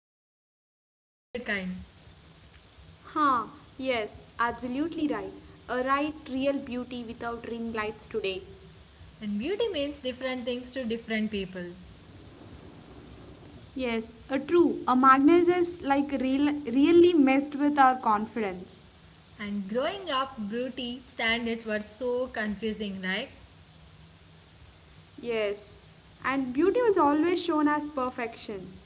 beauty, but not the filtered kind. Huh, yes, absolutely right. A right real beauty without ring lights today. And beauty means different things to different people. Yes, a true. A magnet is like real, really messed with our confidence. And growing up, beauty standards were so confusing, right? Yes, and beauty was always shown as perfection.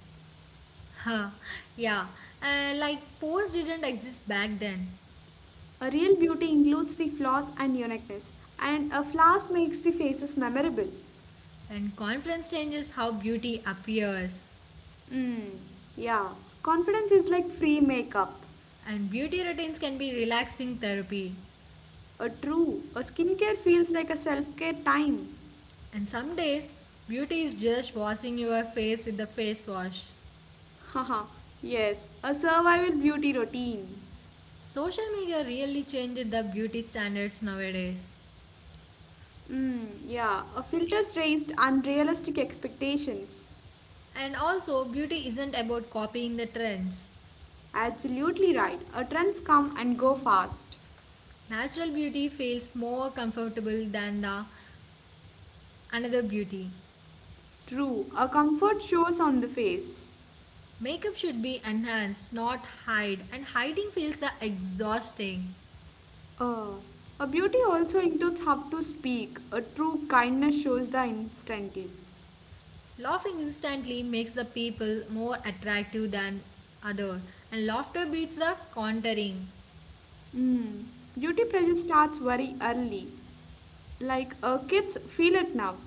Huh, yeah. Pores didn't exist back then. A real beauty includes the flaws and uniqueness, and a flaws makes the faces memorable. And confidence changes how beauty appears. Hmm, yeah, confidence is like free makeup. And beauty routines can be relaxing therapy. A true, a skincare feels like a self care time. And some days, beauty is just washing your face with the face wash. Haha, yes, a survival beauty routine. Social media really changed the beauty standards nowadays. Mm, yeah, a filters raised unrealistic expectations. And also, beauty isn't about copying the trends. Absolutely right. A trends come and go fast. Natural beauty feels more comfortable than the another beauty. True, a comfort shows on the face. Makeup should be enhanced, not hide, and hiding feels the exhausting. Uh, a beauty also includes how to speak. A true kindness shows the instantly. Laughing instantly makes the people more attractive than other, and laughter beats the contouring. Mm, beauty pressure starts very early. Like kids feel it now.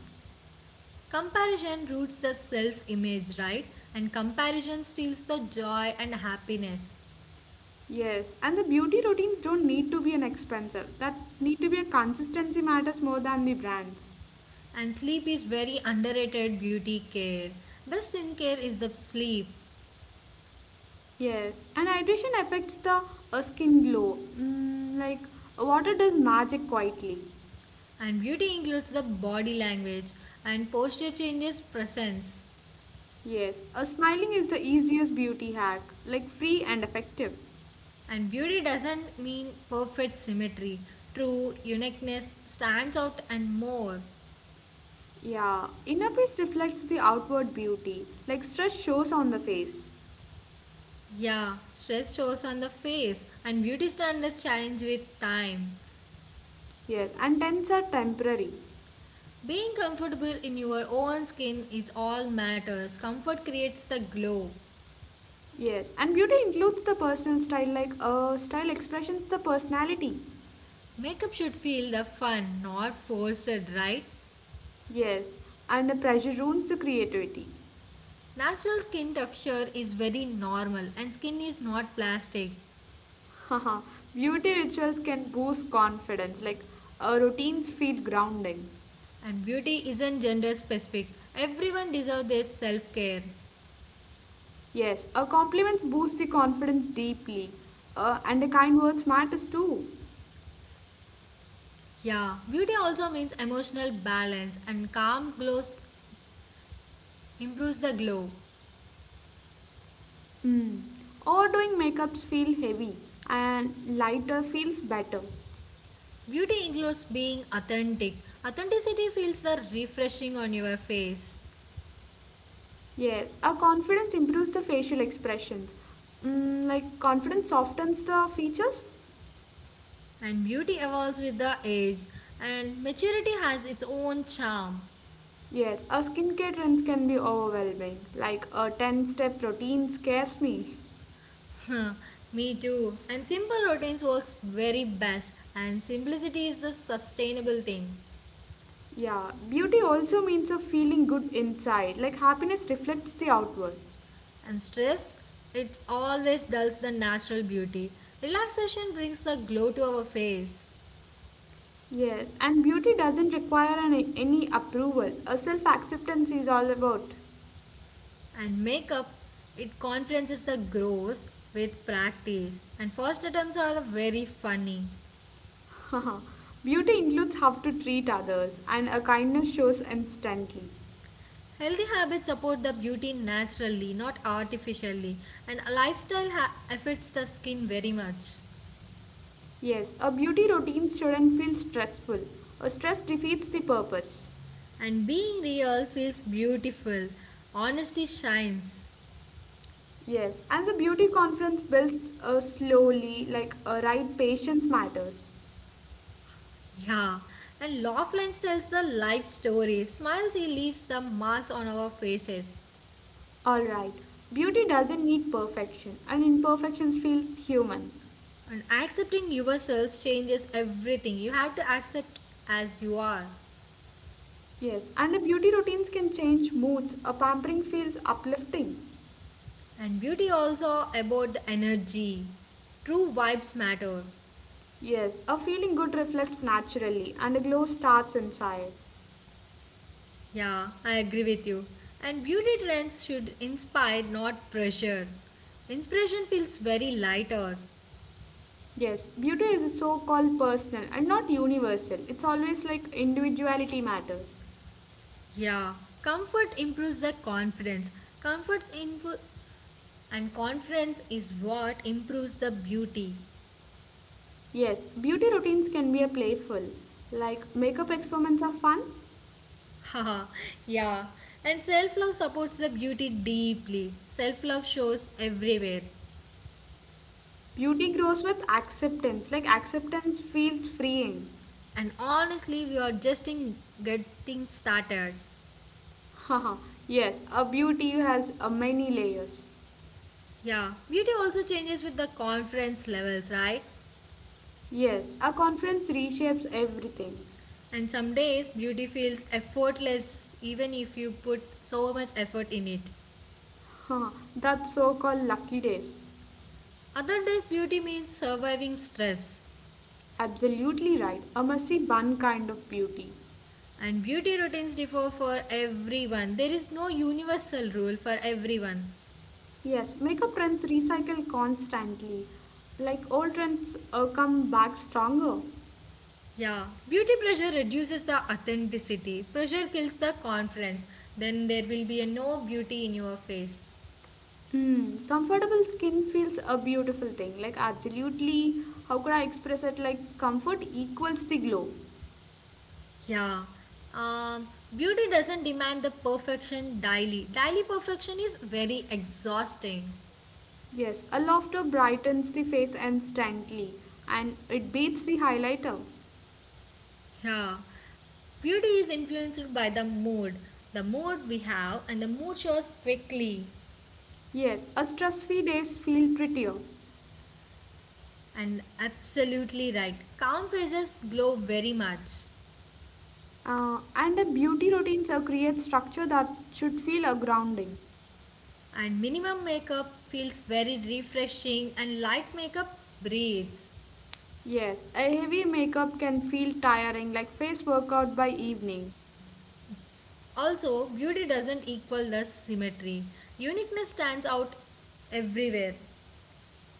Comparison roots the self image, right? And comparison steals the joy and happiness. Yes, and the beauty routines don't need to be an expensive. That need to be a consistency matters more than the brands. And sleep is very underrated beauty care. Best skincare is the sleep. Yes, and hydration affects the skin glow. Mm, like water does magic quietly. And beauty includes the body language and posture changes presence. Yes, smiling is the easiest beauty hack, like free and effective. And beauty doesn't mean perfect symmetry. True uniqueness stands out and more. Yeah, inner peace reflects the outward beauty, like stress shows on the face. Yeah, stress shows on the face and beauty standards change with time. Yes, and tents are temporary. Being comfortable in your own skin is all matters. Comfort creates the glow. Yes, and beauty includes the personal style, like style expressions the personality. Makeup should feel the fun, not forced, right? Yes, and the pressure ruins the creativity. Natural skin texture is very normal and skin is not plastic. Haha, beauty rituals can boost confidence, like routines feel grounding. And beauty isn't gender specific. Everyone deserves their self care. Yes, compliments boost the confidence deeply, and the kind words matters too. Yeah, beauty also means emotional balance and calm glows improves the glow. Mm. Overdoing makeups feel heavy, and lighter feels better. Beauty includes being authentic. Authenticity feels the refreshing on your face. Yeah, a confidence improves the facial expressions. Mm, like confidence softens the features. And beauty evolves with the age and maturity has its own charm. Yes, a skincare trends can be overwhelming. Like a 10-step routine scares me. Me too, and simple routines works very best, and simplicity is the sustainable thing. Yeah, beauty also means a feeling good inside. Like happiness reflects the outward. And stress, it always dulls the natural beauty. Relaxation brings the glow to our face. Yes, and beauty doesn't require any approval. A self-acceptance is all about. And makeup, it conferences the grows with practice, and first attempts are the very funny. Beauty includes how to treat others, and a kindness shows instantly. Healthy habits support the beauty naturally, not artificially, and a lifestyle affects the skin very much. Yes, a beauty routine shouldn't feel stressful. A stress defeats the purpose. And being real feels beautiful. Honesty shines. Yes, and the beauty conference builds slowly, like right patience matters. Yeah. And Laughlin tells the life story. Smiles, he leaves the marks on our faces. All right, beauty doesn't need perfection, and imperfections feels human. And accepting yourselves changes everything. You have to accept as you are. Yes, and the beauty routines can change moods. A pampering feels uplifting. And beauty also about the energy. True vibes matter. Yes, a feeling good reflects naturally, and a glow starts inside. Yeah, I agree with you. And beauty trends should inspire, not pressure. Inspiration feels very lighter. Yes, beauty is so called personal and not universal. It's always like individuality matters. Yeah, comfort improves the confidence. Comfort impo- and confidence is what improves the beauty. Yes, beauty routines can be a playful. Like makeup experiments are fun. Haha, yeah. And self love supports the beauty deeply. Self love shows everywhere. Beauty grows with acceptance. Like acceptance feels freeing. And honestly, we are just in getting started. Haha. Yes, a beauty has a many layers. Yeah, beauty also changes with the confidence levels, right? Yes, a conference reshapes everything. And some days beauty feels effortless even if you put so much effort in it. Huh, that's so called lucky days. Other days beauty means surviving stress. Absolutely right. A messy bun kind of beauty. And beauty routines differ for everyone. There is no universal rule for everyone. Yes, makeup trends recycle constantly. Like old trends come back stronger. Yeah, beauty pressure reduces the authenticity. Pressure kills the confidence. Then there will be a no beauty in your face. Mm, comfortable skin feels a beautiful thing. Like, absolutely, how could I express it? Like, comfort equals the glow. Yeah. Um, Beauty doesn't demand the perfection daily. Daily perfection is very exhausting. Yes, a laughter brightens the face instantly and it beats the highlighter. Yeah, beauty is influenced by the mood we have, and the mood shows quickly. Yes, a stress free days feel prettier. And absolutely right, calm faces glow very much, And a beauty routine so creates structure that should feel a grounding. and minimum makeup feels very refreshing, and light makeup breathes. Yes, a heavy makeup can feel tiring, like face workout by evening. Also, beauty doesn't equal the symmetry. Uniqueness stands out everywhere.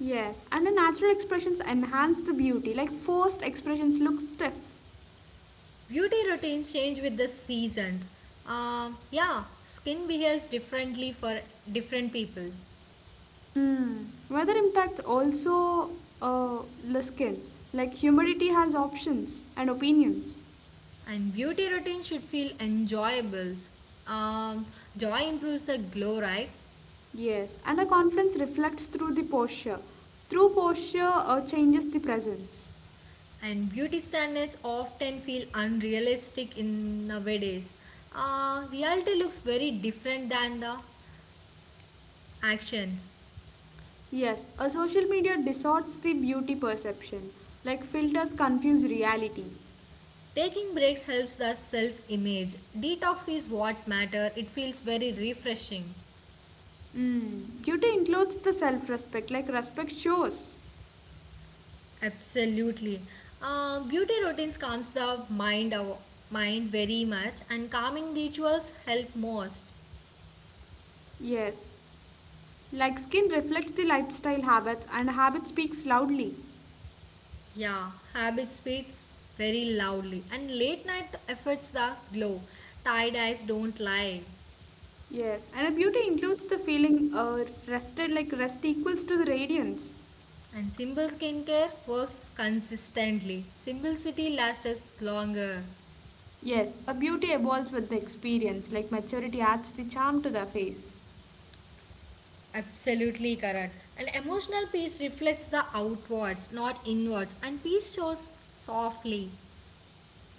Yes, and the natural expressions enhance the beauty, like forced expressions look stiff. Beauty routines change with the seasons. Yeah, skin behaves differently for different people. Mm. Weather impacts also the skin, like humidity has options and opinions. And beauty routine should feel enjoyable. Um, Joy improves the glow, right? Yes, and a confidence reflects through the posture. Through posture changes the presence. And beauty standards often feel unrealistic in nowadays. Reality looks very different than the actions. Yes, a social media distorts the beauty perception, like filters confuse reality. Taking breaks helps the self-image. Detox is what matter. It feels very refreshing. Mm. Beauty includes the self respect, like respect shows. Absolutely. Beauty routines calms the mind, mind very much, and calming rituals help most. Yes. Like skin reflects the lifestyle habits, and habit speaks loudly. Yeah, habit speaks very loudly, and late night efforts the glow. Tired eyes don't lie. Yes. And a beauty includes the feeling rested, like rest equals to the radiance. And simple skincare works consistently. Simplicity lasts us longer. Yes. A beauty evolves with the experience, like maturity adds the charm to the face. Absolutely correct. And emotional peace reflects the outwards, not inwards. And peace shows softly.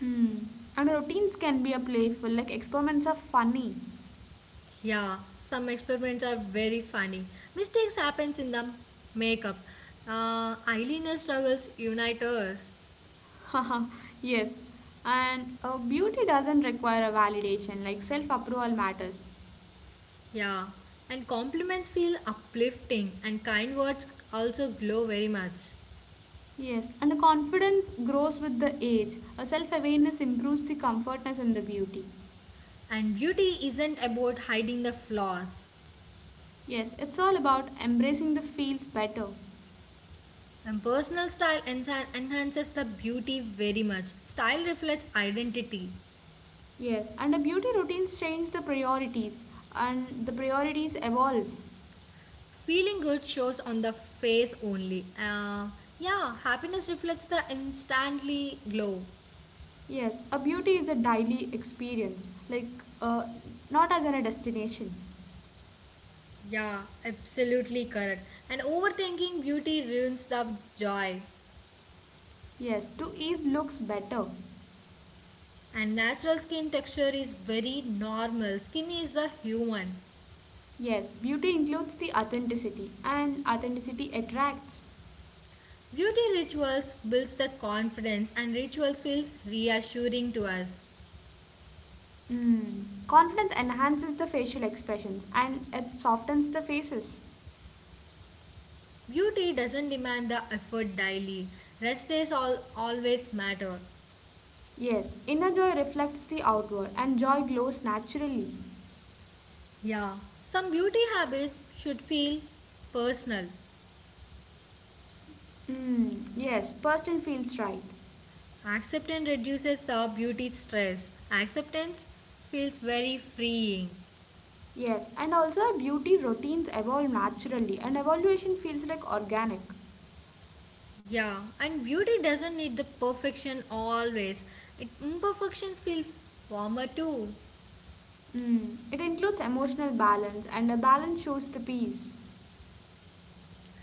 Mm. And routines can be a playful, like experiments are funny. Yeah, some experiments are very funny. Mistakes happens in the makeup. Eyeliner struggles unite us. Yes, and beauty doesn't require a validation, like self approval matters. Yeah, and compliments feel uplifting, and kind words also glow very much. Yes, and confidence grows with the age. A self awareness improves the comfortness and the beauty. And beauty isn't about hiding the flaws. Yes, it's all about embracing the feels better. And personal style enhances the beauty very much. Style reflects identity. Yes, and the beauty routines change the priorities, and the priorities evolve. Feeling good shows on the face only. Yeah, happiness reflects the instantly glow. Yes, a beauty is a daily experience, like not as in a destination. Yeah, absolutely correct. And overthinking beauty ruins the joy. Yes, to ease looks better. And natural skin texture is very normal. Skin is the human. Yes, beauty includes the authenticity, and authenticity attracts. Beauty rituals builds the confidence and rituals feels reassuring to us. Mm. Confidence enhances the facial expressions and it softens the faces. Beauty doesn't demand the effort daily. Rest days all always matter. Yes, inner joy reflects the outward, and joy glows naturally. Yeah, some beauty habits should feel personal. Mm. Yes, person feels right. Acceptance reduces the beauty stress. Acceptance feels very freeing. Yes, and also our beauty routines evolve naturally, and evaluation feels like organic. Yeah, and beauty doesn't need the perfection always. It imperfections feels warmer too. Mm. It includes emotional balance, and a balance shows the peace.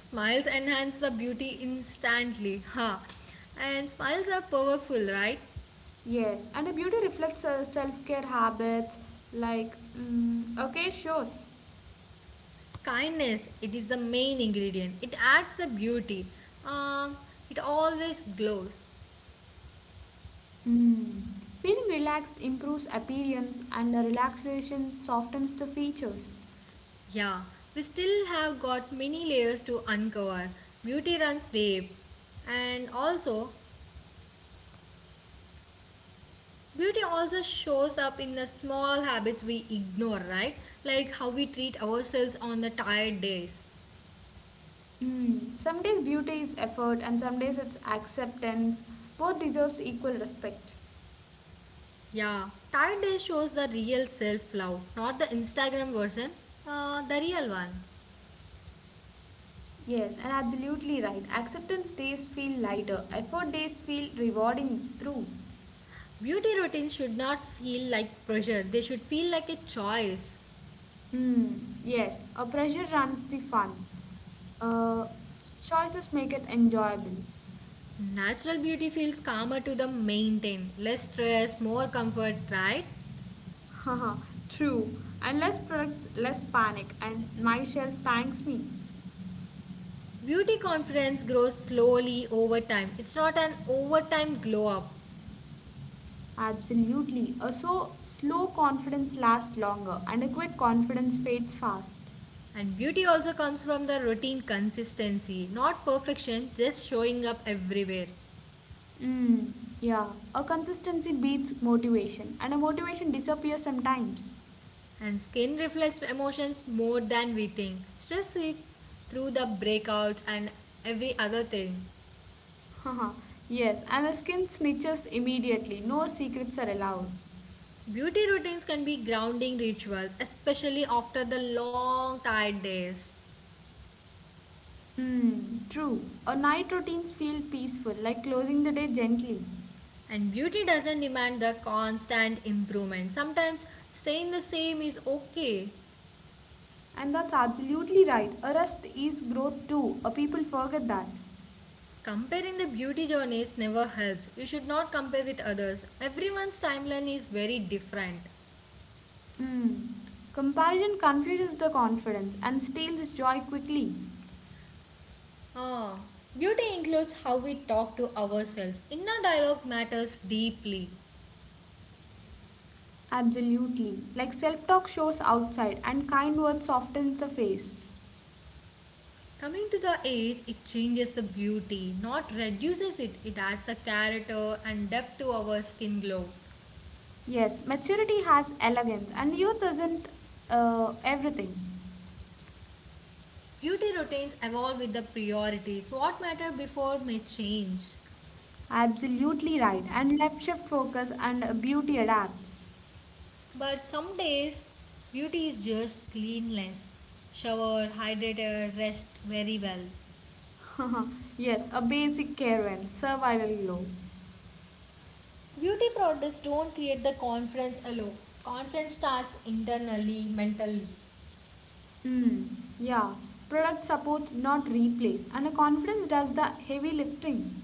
Smiles enhance the beauty instantly. Ha. And smiles are powerful, right? Yes, and a beauty reflects self-care habits like mm, okay shows. Kindness, it is the main ingredient. It adds the beauty. Um, it always glows. Mm. Feeling relaxed improves appearance and the relaxation softens the features. Yeah, we still have got many layers to uncover. Beauty runs deep. And also, beauty also shows up in the small habits we ignore, right? Like how we treat ourselves on the tired days. Mm. Some days beauty is effort and some days it's acceptance. Both deserves equal respect. Yeah, tired days shows the real self love, not the Instagram version, the real one. Yes, and absolutely right. Acceptance days feel lighter. Effort days feel rewarding through. Beauty routines should not feel like pressure, they should feel like a choice. Hmm. Yes, a pressure runs the fun. Uh, Choices make it enjoyable. Natural beauty feels calmer to the maintain, less stress, more comfort, right? Haha, true. And less products, less panic, and my shelf thanks me. Beauty confidence grows slowly over time. It's not an overtime glow up. Absolutely. A so slow confidence lasts longer, and a quick confidence fades fast. And beauty also comes from the routine consistency, not perfection, just showing up everywhere. Hmm. Yeah, a consistency beats motivation, and a motivation disappears sometimes. And skin reflects emotions more than we think. Stress seeps through the breakouts and every other thing. Haha, yes, and the skin snitches immediately. No secrets are allowed. Beauty routines can be grounding rituals, especially after the long, tired days. Hmm, true. Our night routines feel peaceful, like closing the day gently. And beauty doesn't demand the constant improvement. Sometimes staying the same is okay. And that's absolutely right. A rest is growth too. A people forget that. Comparing the beauty journeys never helps. You should not compare with others. Everyone's timeline is very different. Hmm. Comparison confuses the confidence and steals joy quickly. Ah, beauty includes how we talk to ourselves. Inner dialogue matters deeply. Absolutely. Like self talk shows outside and kind words softens the face. Coming to the age, it changes the beauty, not reduces it. It adds a character and depth to our skin glow. Yes, maturity has elegance and youth isn't everything. Beauty routines evolve with the priorities. What mattered before may change. Absolutely right. And left shift focus and beauty adapts. But some days, beauty is just cleanliness. Shower, hydrated, rest very well. Yes, a basic care and survival glow. Beauty products don't create the confidence alone. Confidence starts internally, mentally. Mm, yeah, product supports not replace, and a confidence does the heavy lifting.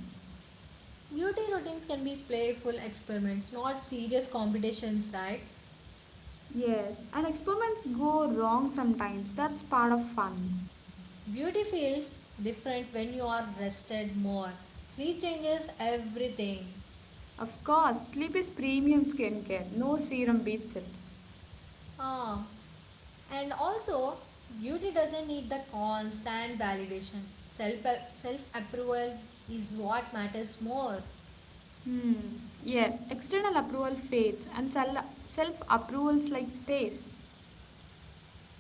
Beauty routines can be playful experiments, not serious competitions, right? Yes, and experiments go wrong sometimes. That's part of fun. Beauty feels different when you are rested more. Sleep changes everything. Of course, sleep is premium skincare. No serum beats it. Ah, and also, beauty doesn't need the constant validation. Self self approval is what matters more. Hmm. Yes, external approval fades and self approvals like stays.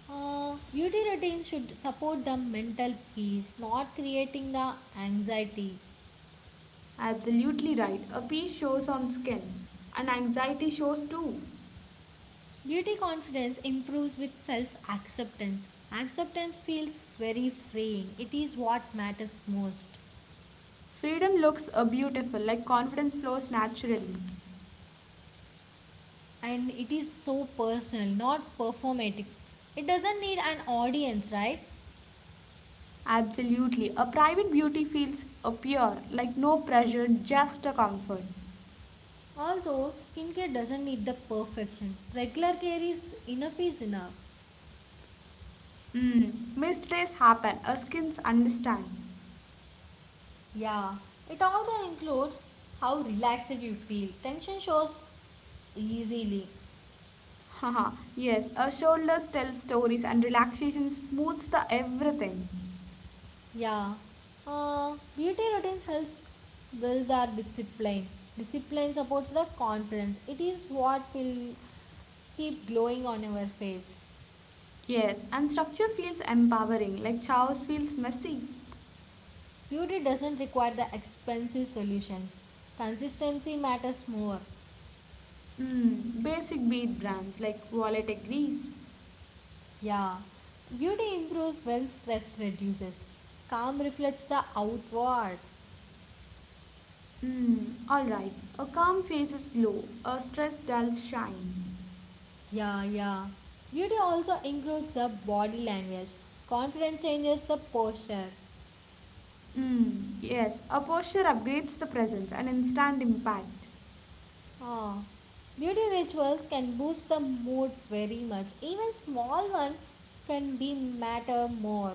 Beauty routines should support the mental peace, not creating the anxiety. Absolutely right. A peace shows on skin, and anxiety shows too. Beauty confidence improves with self acceptance. Acceptance feels very freeing. It is what matters most. Freedom looks beautiful, like confidence flows naturally. And it is so personal, not performatic. It doesn't need an audience, right? Absolutely. A private beauty feels pure, like no pressure, just a comfort. Also, skincare doesn't need the perfection. Regular care is enough is enough. Mm. Mistakes happen, our skins understand. Yeah, it also includes how relaxed you feel. Tension shows easily. Haha, yes, our shoulders tell stories and relaxation smooths the everything. Yeah. Beauty routines helps build our discipline. Discipline supports the confidence. It is what will keep glowing on our face. Yes, and structure feels empowering, like chaos feels messy. Beauty doesn't require the expensive solutions. Consistency matters more. Mm. Basic bead brands like wallet agrees. Yeah, beauty improves when stress reduces. Calm reflects the outward. Mm, all right. A calm face's glow, a stress dull's shine. Yeah, yeah. Beauty also includes the body language. Confidence changes the posture. Mm, yes, a posture upgrades the presence, and instant impact. Ah, beauty rituals can boost the mood very much. Even small one can be matter more.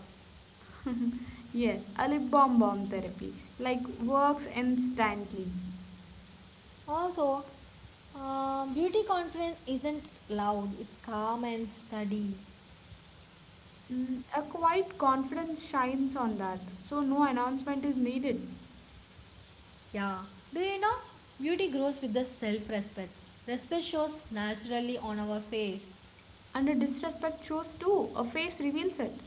Yes, a lip balm therapy, like works instantly. Also, beauty confidence isn't loud. It's calm and steady. Mm, a quiet confidence shines on that, so no announcement is needed. Yeah. Do you know? Beauty grows with the self respect. Respect shows naturally on our face. And a disrespect shows too, a face reveals it.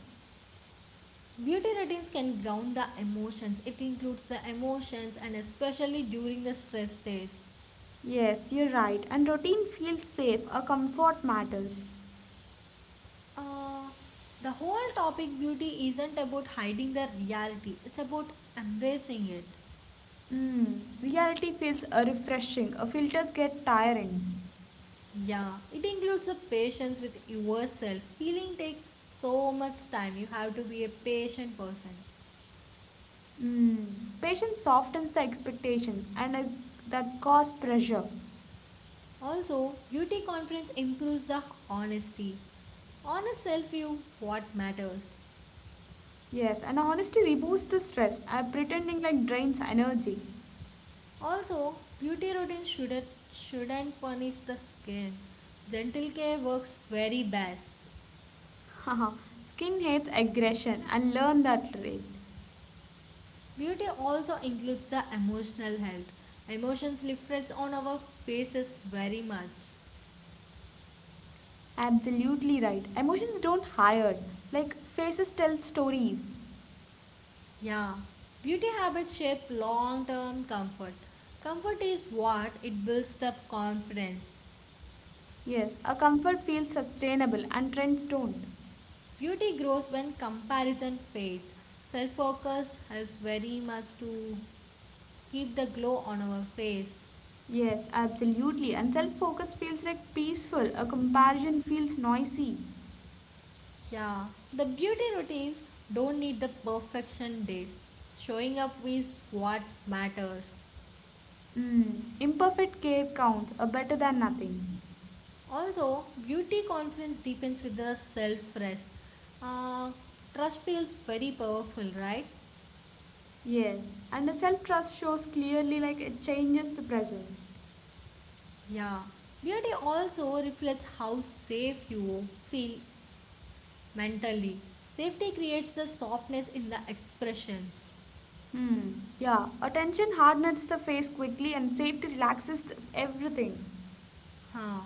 Beauty routines can ground the emotions. It includes the emotions and especially during the stress days. Yes, you're right, and routine feels safe, a comfort matters. Uh, the whole topic beauty isn't about hiding the reality, it's about embracing it. Mm, reality feels refreshing. Filters get tiring. Yeah, it includes the patience with yourself. Healing takes so much time. You have to be a patient person. Mm, patience softens the expectations and that cause pressure. Also, beauty conference improves the honesty. Honest self view what matters. Yes, and honesty removes the stress. Pretending like drains energy. Also, beauty routines shouldn't punish the skin. Gentle care works very best. Haha, Skin hates aggression and learn that trait. Beauty also includes the emotional health. Emotions reflects on our faces very much. Absolutely right. Emotions don't hide. Like faces tell stories. Yeah. Beauty habits shape long-term comfort. Comfort is what it builds the confidence. Yes, a comfort feels sustainable and trends don't. Beauty grows when comparison fades. Self focus helps very much to keep the glow on our face. Yes, absolutely. And self focus feels like peaceful, a comparison feels noisy. Yeah, the beauty routines don't need the perfection days. Showing up is what matters. Mm. Imperfect care counts, a better than nothing. Also, beauty confidence deepens with the self rest. Uh, Trust feels very powerful, right? Yes, and the self trust shows clearly like it changes the presence. Yeah. Beauty also reflects how safe you feel mentally. Safety creates the softness in the expressions. Hmm. Yeah, attention hardens the face quickly and safety relaxes everything. Huh.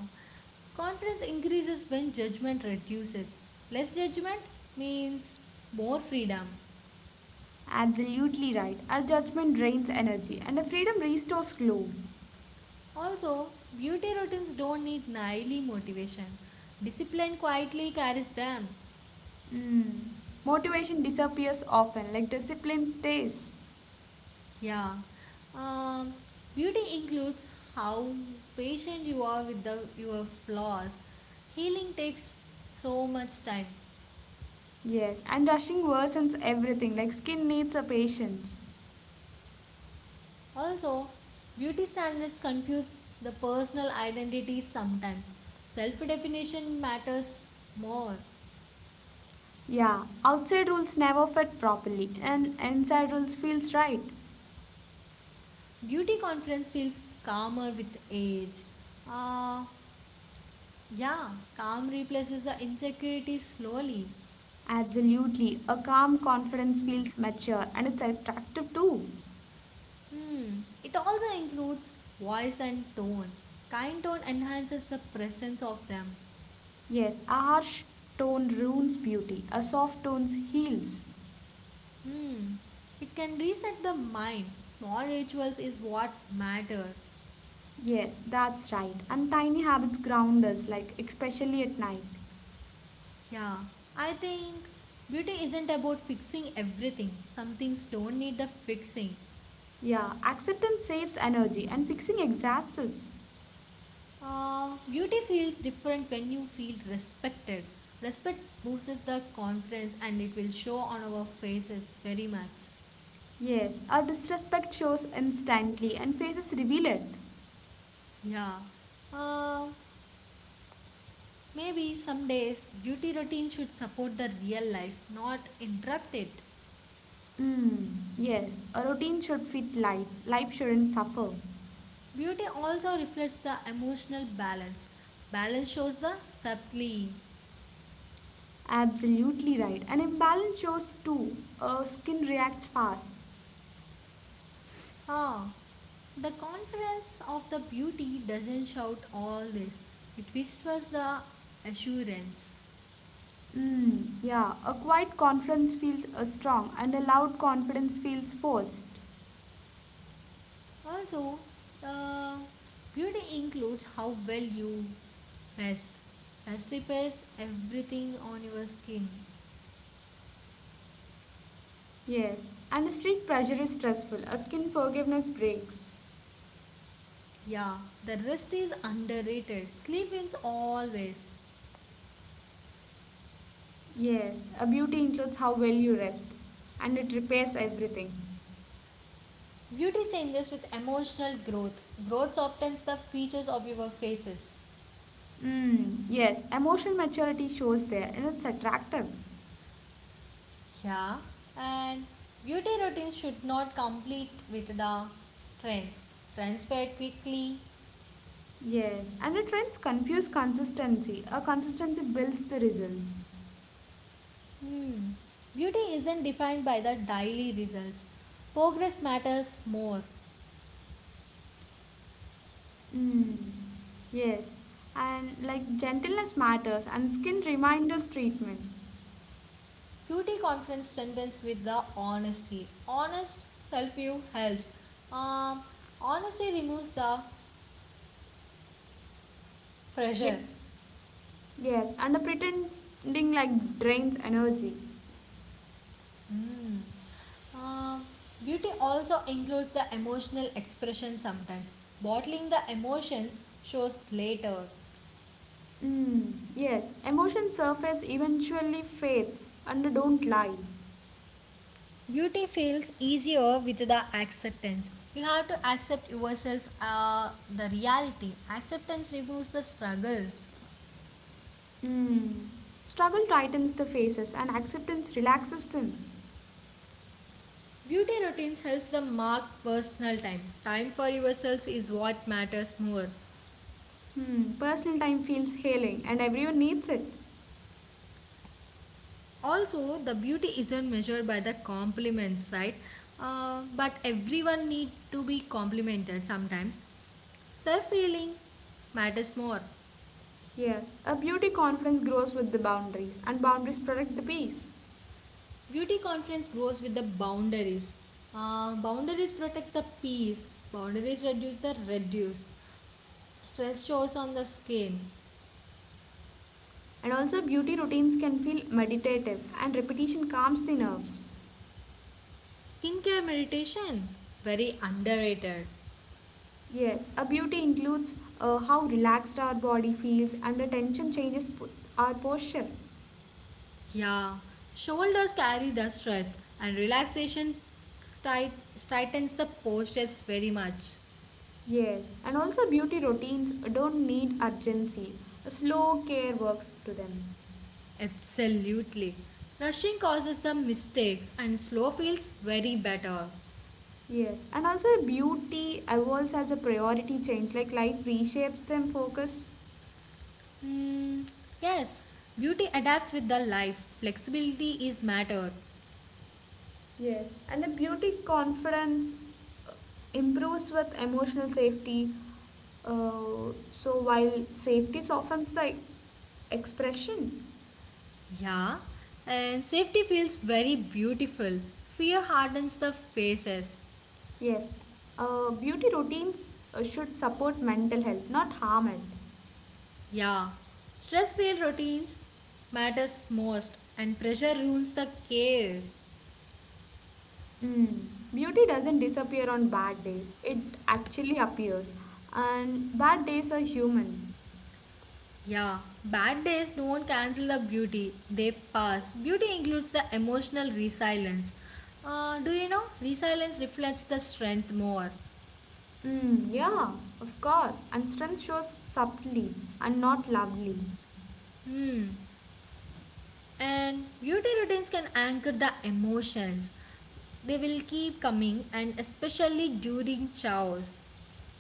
Confidence increases when judgment reduces. Less judgment means more freedom. Absolutely right. Our judgment drains energy and the freedom restores glow. Also, beauty routines don't need nightly motivation. Discipline quietly carries them. Hmm. Motivation disappears often, like discipline stays. Yeah. Um, Beauty includes how patient you are with the, your flaws. Healing takes so much time. Yes, and rushing worsens everything, like skin needs a patience. Also, beauty standards confuse the personal identities sometimes. Self definition matters more. Yeah, outside rules never fit properly, and inside rules feels right. Beauty confidence feels calmer with age. Uh, yeah, calm replaces the insecurity slowly. Absolutely, a calm confidence feels mature and it's attractive too. Hmm. It also includes voice and tone. Kind tone enhances the presence of them. Yes, a harsh tone ruins beauty, a soft tone heals. Hmm. It can reset the mind. Small rituals is what matter. Yes, that's right, and tiny habits ground us, like especially at night. Yeah, I think beauty isn't about fixing everything. Some things don't need the fixing. Yeah, acceptance saves energy and fixing exhausts us. Beauty feels different when you feel respected. Respect boosts the confidence and it will show on our faces very much. Yes, our disrespect shows instantly and faces reveal it. Yeah. Uh, maybe some days beauty routine should support the real life, not interrupt it. Mm, yes, a routine should fit life. Life shouldn't suffer. Beauty also reflects the emotional balance. Balance shows the subtly. Absolutely right. An imbalance shows too. A skin reacts fast. Ah, the confidence of the beauty doesn't shout all this, it whispers the assurance. Mm, yeah, a quiet confidence feels strong and a loud confidence feels forced. Also, uh, beauty includes how well you rest. Rest repairs everything on your skin. Yes, and a strict pressure is stressful. A skin forgiveness breaks. Yeah, the rest is underrated. Sleep wins always. Yes, a beauty includes how well you rest and it repairs everything. Beauty changes with emotional growth. Growth softens the features of your faces. Mm, yes, emotional maturity shows there and it's attractive. Yeah, and beauty routines should not complete with the trends. Trends fade quickly. Yes, and the trends confuse consistency. A consistency builds the results. Hmm. Beauty isn't defined by the daily results. Progress matters more. Mm, yes, and like gentleness matters and skin reminders treatment. Beauty confidence strengthens with the honesty. Honest self view helps. Um, honesty removes the pressure. Ye- yes, and the pretending like drains energy. Mm. Um, beauty also includes the emotional expression sometimes. Bottling the emotions shows later. Mm, yes, emotion surface eventually fades and don't lie. Beauty feels easier with the acceptance. You have to accept yourself, the reality. Acceptance removes the struggles. Hmm. Struggle tightens the faces and acceptance relaxes them. Beauty routines helps the mark personal time. Time for yourself is what matters more. Hmm. Personal time feels healing and everyone needs it. Also, the beauty isn't measured by the compliments, right? But everyone need to be complimented sometimes. Self feeling matters more. Yes, a beauty conference grows with the boundaries and boundaries protect the peace. Beauty confidence grows with the boundaries. Boundaries protect the peace. Boundaries reduce the reduce stress shows on the skin. And also, beauty routines can feel meditative and repetition calms the nerves. Skincare meditation, very underrated. Yes, a beauty includes how relaxed our body feels and the tension changes our posture. Yeah, shoulders carry the stress, and relaxation tight, tightens the postures very much. Yes, and also beauty routines don't need urgency. Slow care works to them. Absolutely. Rushing causes the mistakes, and slow feels very better. Yes, and also beauty evolves as a priority change, like life reshapes them focus. Hmm. Yes, beauty adapts with the life. Flexibility is matter. Yes, and a beauty confidence uh, improves with emotional safety. So while safety softens the expression, Yeah, and safety feels very beautiful. Fear hardens the faces. yes, beauty routines should support mental health, not harm it. Yeah, stress filled routines matters most and pressure ruins the care. Mm. Beauty doesn't disappear on bad days. It actually appears. And bad days are human. Yeah, bad days don't cancel the beauty, they pass. Beauty includes the emotional resilience. Do you know resilience reflects the strength more? Mm, yeah, of course. And strength shows subtly and not loudly. Hmm. And beauty routines can anchor the emotions. They will keep coming and especially during chows.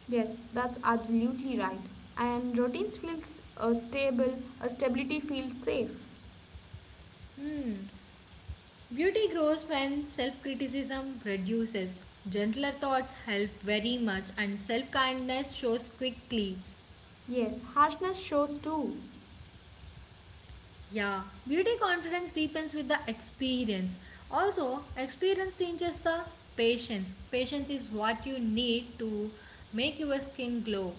Yes, that's absolutely right. And routines feels stable, stability feels safe. Hmm. Beauty grows when self criticism reduces. Gentler thoughts help very much, and self kindness shows quickly. Yes, harshness shows too. Yeah, beauty confidence deepens with the experience. Also, experience teaches the patience. Patience is what you need to make your skin glow.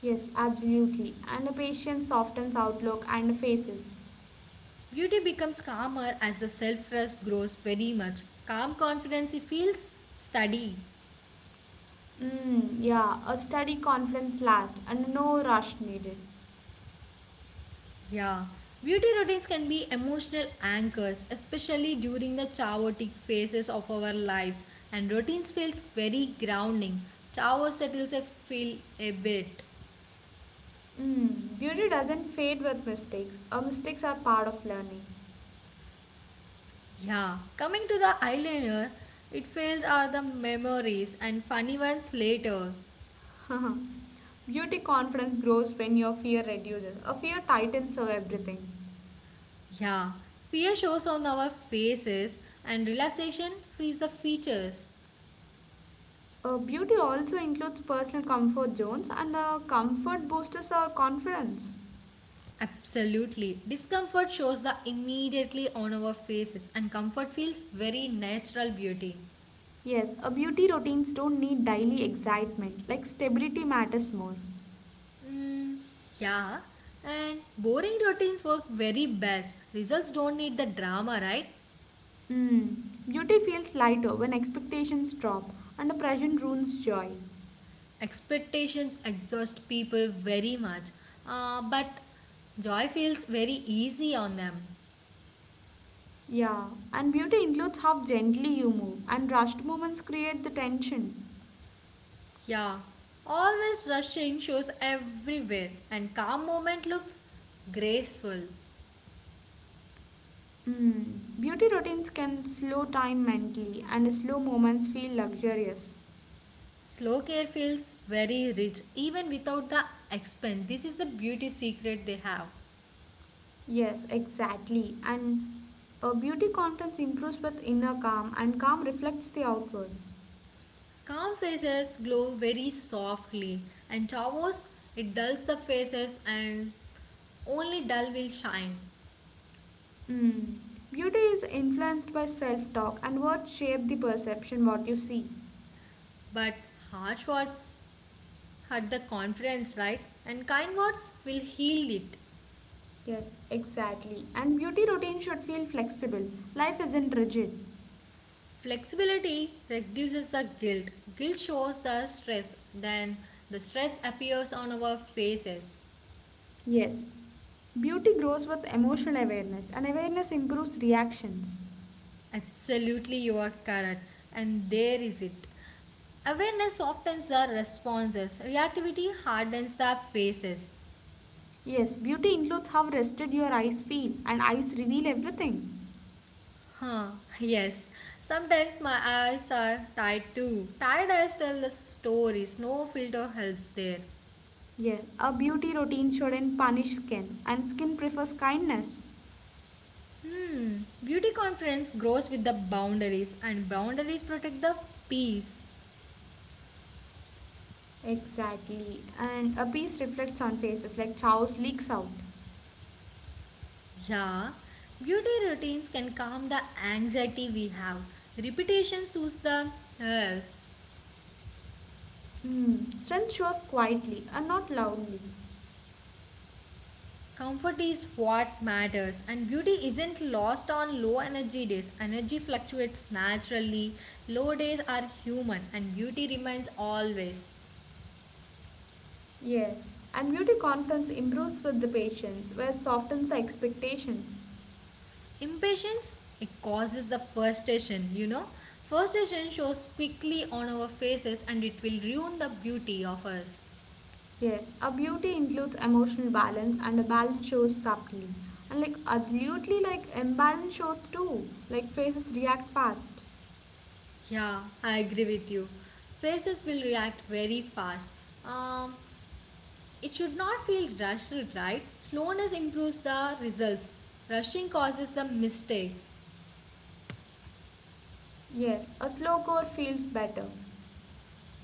Yes, absolutely. And a patient softens outlook and faces. Beauty becomes calmer as the self trust grows very much. Calm confidence feels steady. Mm, yeah, a steady confidence lasts and no rush needed. Yeah, beauty routines can be emotional anchors, especially during the chaotic phases of our life, and routines feels very grounding. Shower settles a feel a bit. Mm, beauty doesn't fade with mistakes. Our mistakes are part of learning. Yeah, coming to the eyeliner, it fails are the memories and funny ones later. Beauty confidence grows when your fear reduces. A fear tightens everything. Yeah, fear shows on our faces, and relaxation frees the features. Beauty also includes personal comfort zones, and comfort boosters our confidence. Absolutely. Discomfort shows the immediately on our faces, and comfort feels very natural beauty. Yes, beauty routines don't need daily excitement, like stability matters more. Mm, yeah. And boring routines work very best. Results don't need the drama, right? Mm. Beauty feels lighter when expectations drop and the present ruins joy. Expectations exhaust people very much. But joy feels very easy on them. Yeah, and beauty includes how gently you move, and rushed movements create the tension. Yeah. Always rushing shows everywhere, and calm moment looks graceful. Mm. Beauty routines can slow time mentally, and slow moments feel luxurious. Slow care feels very rich even without the expense. This is the beauty secret they have. Yes, exactly. And a beauty confidence improves with inner calm, and calm reflects the outward. Calm faces glow very softly, and Chavos it dulls the faces and only dull will shine. Mm. Beauty is influenced by self talk, and words shape the perception what you see. But harsh words hurt the confidence, right? And kind words will heal it. Yes, exactly. And beauty routine should feel flexible. Life isn't rigid. Flexibility reduces the guilt. Guilt shows the stress, then the stress appears on our faces. Yes, beauty grows with emotional awareness, and awareness improves reactions. Absolutely, you are correct. And there is it. Awareness softens our responses, reactivity hardens the faces. Yes, beauty includes how rested your eyes feel, and eyes reveal everything. Huh, yes. Sometimes my eyes are tired too. Tired eyes tell the stories, no filter helps there. Yes, a beauty routine shouldn't punish skin, and skin prefers kindness. Hmm, beauty confidence grows with the boundaries, and boundaries protect the peace. Exactly, and a piece reflects on faces like chows leaks out. Yeah, beauty routines can calm the anxiety we have. Repetition soothes the nerves. Hmm. Strength shows quietly and not loudly. Comfort is what matters, and beauty isn't lost on low energy days. Energy fluctuates naturally. Low days are human, and beauty remains always. Yes, and beauty confidence improves with the patience, where softens the expectations. Impatience, it causes the frustration, you know. Frustration shows quickly on our faces, and it will ruin the beauty of us. Yes, a beauty includes emotional balance and a balance shows subtly. And like absolutely like imbalance shows too. Like faces react fast. Yeah, I agree with you. Faces will react very fast. Um, It should not feel rushed, right? Slowness improves the results. Rushing causes the mistakes. Yes, a slow core feels better.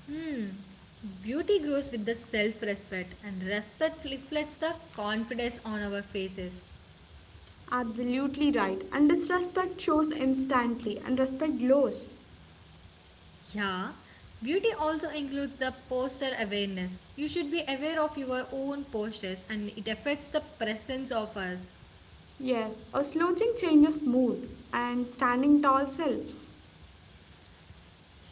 Hmm. Beauty grows with the self respect, and respect reflects the confidence on our faces. Absolutely right. And disrespect shows instantly and respect glows. Yeah. Beauty also includes the posture awareness. You should be aware of your own postures, and it affects the presence of us. Yes, a slouching changes mood and standing tall helps.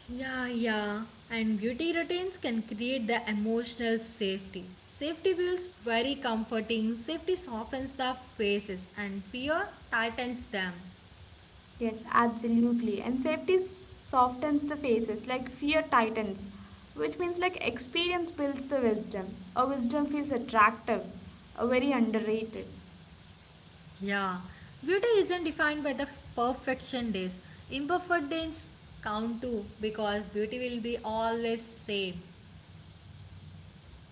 Yeah, yeah. And beauty routines can create the emotional safety. Safety feels very comforting. Safety softens the faces and fear tightens them. Yes, absolutely. And safety s- softens the faces, like fear tightens, which means like experience builds the wisdom. A wisdom feels attractive, a very underrated. Yeah. Beauty isn't defined by the perfection days. Imperfect days count too because beauty will be always same.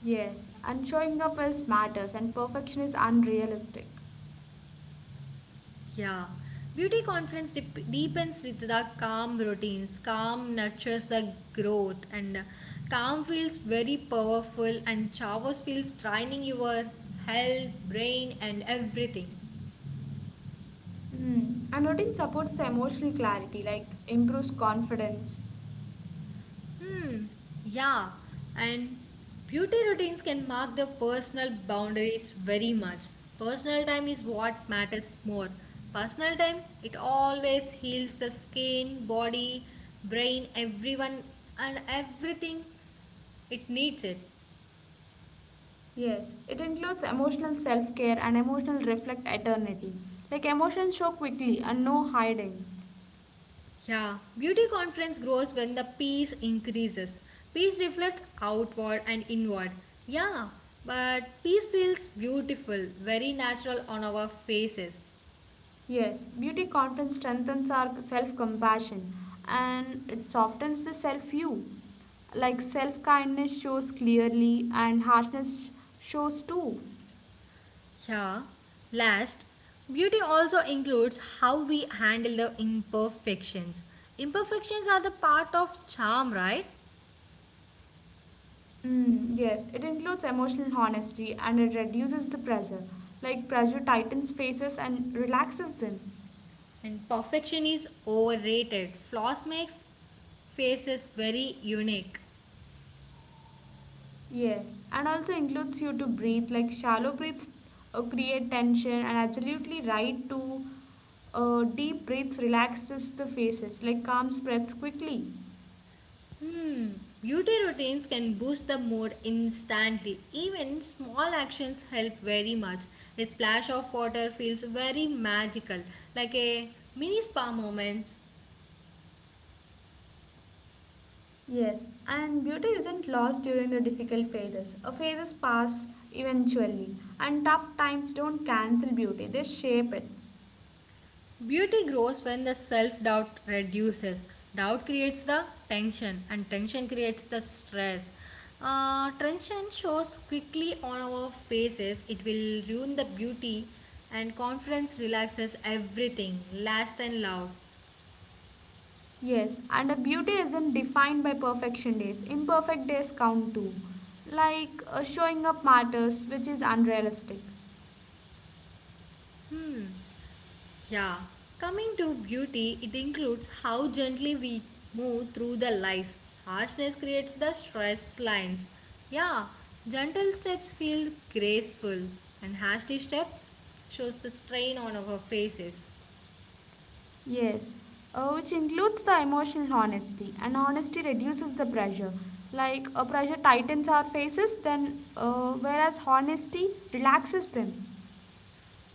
Yes, and showing up is matters, and perfection is unrealistic. Yeah, beauty confidence deepens with the calm routines. Calm nurtures the growth, and calm feels very powerful, and showers feels training your health, brain, and everything. Mm. And routine supports the emotional clarity, like improves confidence. Hmm. Yeah, and beauty routines can mark the personal boundaries very much. Personal time is what matters more. Personal time, it always heals the skin, body, brain, everyone, and everything. It needs it. Yes, it includes emotional self care and emotional reflect eternity. Like emotions show quickly and no hiding. Yeah, beauty confidence grows when the peace increases. Peace reflects outward and inward. Yeah, but peace feels beautiful, very natural on our faces. Yes, beauty confidence strengthens our self compassion and it softens the self view. Like self kindness shows clearly and harshness shows too. Yeah, last, beauty also includes how we handle the imperfections. Imperfections are the part of charm, right? Mm, yes, it includes emotional honesty and it reduces the pressure. Like pressure tightens faces and relaxes them. And perfection is overrated. Flaws makes faces very unique. Yes, and also includes you to breathe. Like shallow breaths create tension, and absolutely right to deep breaths relaxes the faces. Like calm spreads quickly. Hmm. Beauty routines can boost the mood instantly. Even small actions help very much. A splash of water feels very magical, like a mini spa moments. Yes, and beauty isn't lost during the difficult phases. Phases pass eventually, and tough times don't cancel beauty; they shape it. Beauty grows when the self-doubt reduces. Doubt creates the tension, and tension creates the stress. Tension shows quickly on our faces. It will ruin the beauty, and confidence relaxes everything. Last and loud. Yes, and a beauty isn't defined by perfection days. Imperfect days count too. Like showing up matters, which is unrealistic. Yeah, coming to beauty, it includes how gently we move through the life. Harshness creates the stress lines. Yeah, gentle steps feel graceful, and hasty steps shows the strain on our faces. Yes, which includes the emotional honesty, and honesty reduces the pressure. Like a pressure tightens our faces, then whereas honesty relaxes them.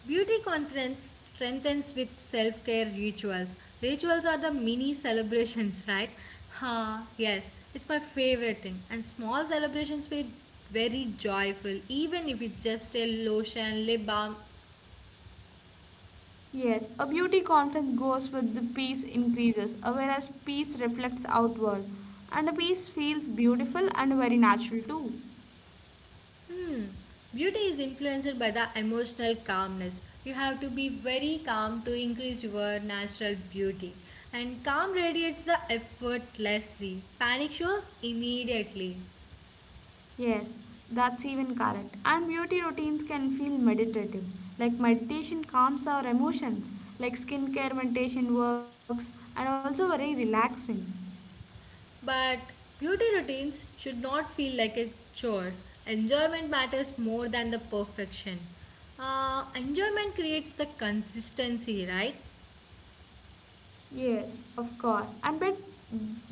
Beauty confidence strengthens with self-care rituals. Rituals are the mini celebrations, right? Ha, yes, it's my favorite thing. And small celebrations feel very joyful even if it's just a lotion lip balm. Yes, a beauty conference goes with the peace increases, whereas peace reflects outward, and a peace feels beautiful and very natural too. Hmm. Beauty is influenced by the emotional calmness. You have to be very calm to increase your natural beauty. And calm radiates the effortlessly. Panic shows immediately. Yes, that's even correct. And beauty routines can feel meditative. Like meditation calms our emotions, like skincare meditation works, and also very relaxing. But beauty routines should not feel like a chore. Enjoyment matters more than the perfection. Enjoyment creates the consistency, right? Yes, of course. And but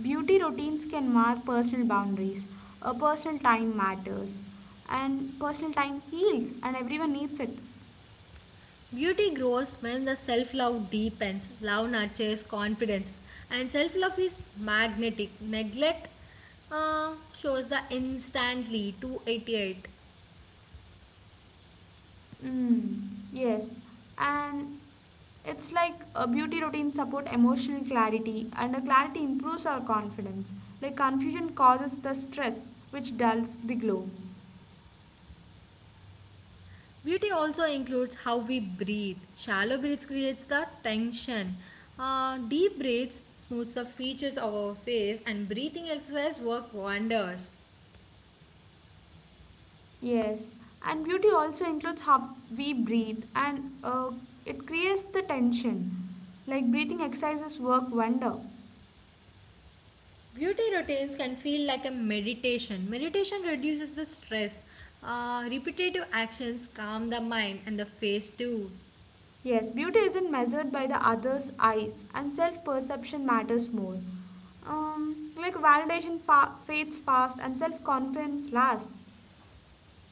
beauty routines can mark personal boundaries. Personal time matters, and personal time heals, and everyone needs it. Beauty grows when the self love deepens, love nurtures confidence, and self love is magnetic. Neglect shows the instantly 288. Mm, yes, and it's like a beauty routine support emotional clarity, and a clarity improves our confidence. Like confusion causes the stress, which dulls the glow. Beauty also includes how we breathe. Shallow breaths creates the tension. Deep breaths smooths the features of our face, and breathing exercise work wonders. Yes, and beauty also includes how we breathe, and it creates the tension. Like breathing exercises work wonder. Beauty routines can feel like a meditation. Meditation reduces the stress. Repetitive actions calm the mind and the face too. Yes, beauty isn't measured by the other's eyes, and self perception matters more. Like validation fades fast, and self confidence lasts.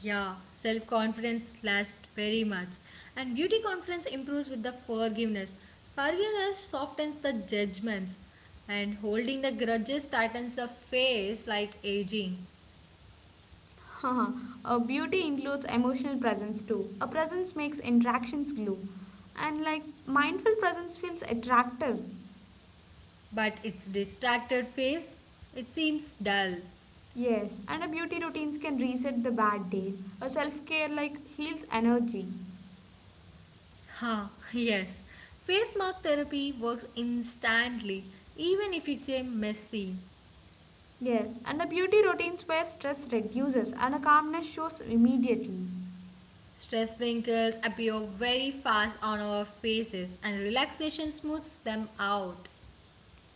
Yeah, self confidence lasts very much. And beauty confidence improves with the forgiveness. Forgiveness softens the judgments. And holding the grudges tightens the face like aging. Beauty includes emotional presence too. A presence makes interactions glue, and like mindful presence feels attractive. But its distracted face, it seems dull. Yes, and a beauty routines can reset the bad days. A self care like heals energy. Ha, yes. Face mask therapy works instantly, even if it's a messy. Yes, and a beauty routines where stress reduces and a calmness shows immediately. Stress wrinkles appear very fast on our faces, and relaxation smooths them out.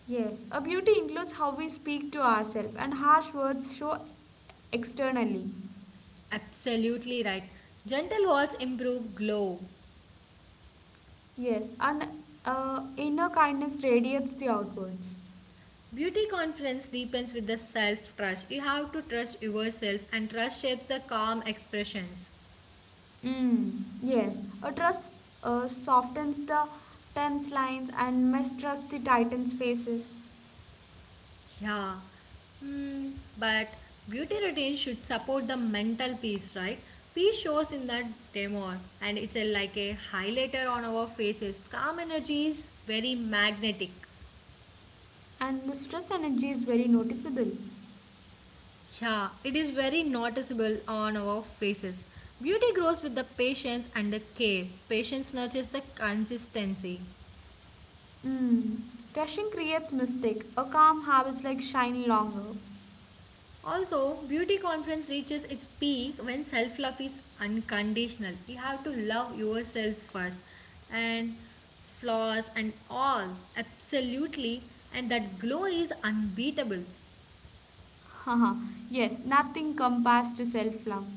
Yes, a beauty includes how we speak to ourselves, and harsh words show externally. Absolutely right. Gentle words improve glow. Yes, and inner kindness radiates the outwards. Beauty confidence deepens with the self trust. You have to trust yourself, and trust shapes the calm expressions. Mm, yes, a trust softens the tense lines, and mistrust the tightens faces. Yeah. Hmm. But beauty routine should support the mental peace, right? Peace shows in that demo, and it's a, like a highlighter on our faces. Calm energy is very magnetic. And the stress energy is very noticeable. Yeah, it is very noticeable on our faces. Beauty grows with the patience and the care. Patience nurtures the consistency. Mm, rushing creates mistake. A calm habits like shine longer. Also, beauty confidence reaches its peak when self love is unconditional. You have to love yourself first and flaws and all, absolutely, and that glow is unbeatable. Haha, yes, nothing compares to self love.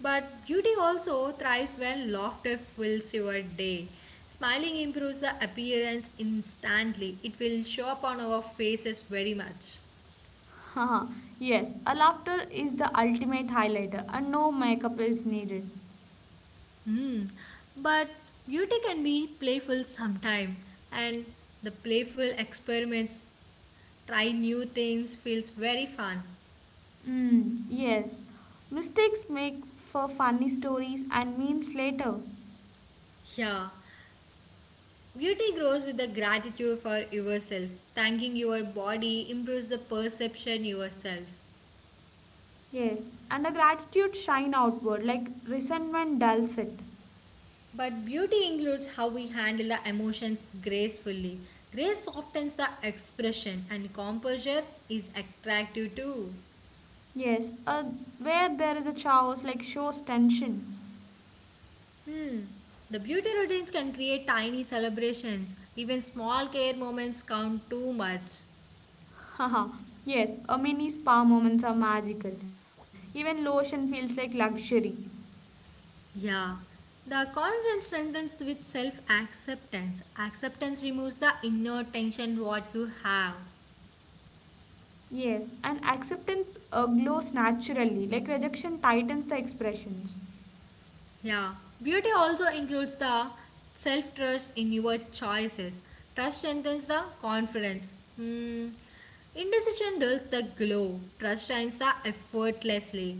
But beauty also thrives when laughter fills your day. Smiling improves the appearance instantly, it will show up on our faces very much. Haha, yes, a laughter is the ultimate highlighter and no makeup is needed. Hmm. But beauty can be playful sometime, and the playful experiments, try new things, feels very fun. Mm, yes, mistakes make for funny stories and memes later. Yeah. Beauty grows with the gratitude for yourself. Thanking your body improves the perception yourself. Yes, and a gratitude shine outward like resentment dulls it. But beauty includes how we handle the emotions gracefully. Grace softens the expression and composure is attractive too. Yes, a where there is a chaos like shows tension. The beauty routines can create tiny celebrations. Even small care moments count too much. Haha, yes, a mini spa moments are magical. Even lotion feels like luxury. Yeah. The confidence strengthens with self acceptance. Acceptance removes the inner tension what you have. Yes, and acceptance glows naturally, like rejection tightens the expressions. Yeah. Beauty also includes the self trust in your choices. Trust strengthens the confidence. Hmm. Indecision dulls the glow. Trust shines the effortlessly.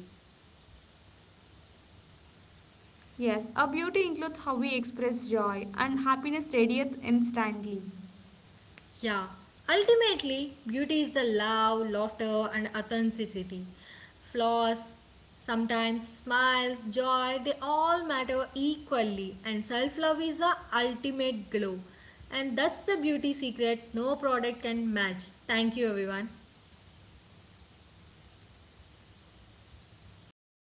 Yes, our beauty includes how we express joy, and happiness radiates instantly. Yeah, ultimately, beauty is the love, laughter, and authenticity. Flaws, sometimes smiles, joy, they all matter equally, and self love is the ultimate glow. And that's the beauty secret no product can match. Thank you, everyone.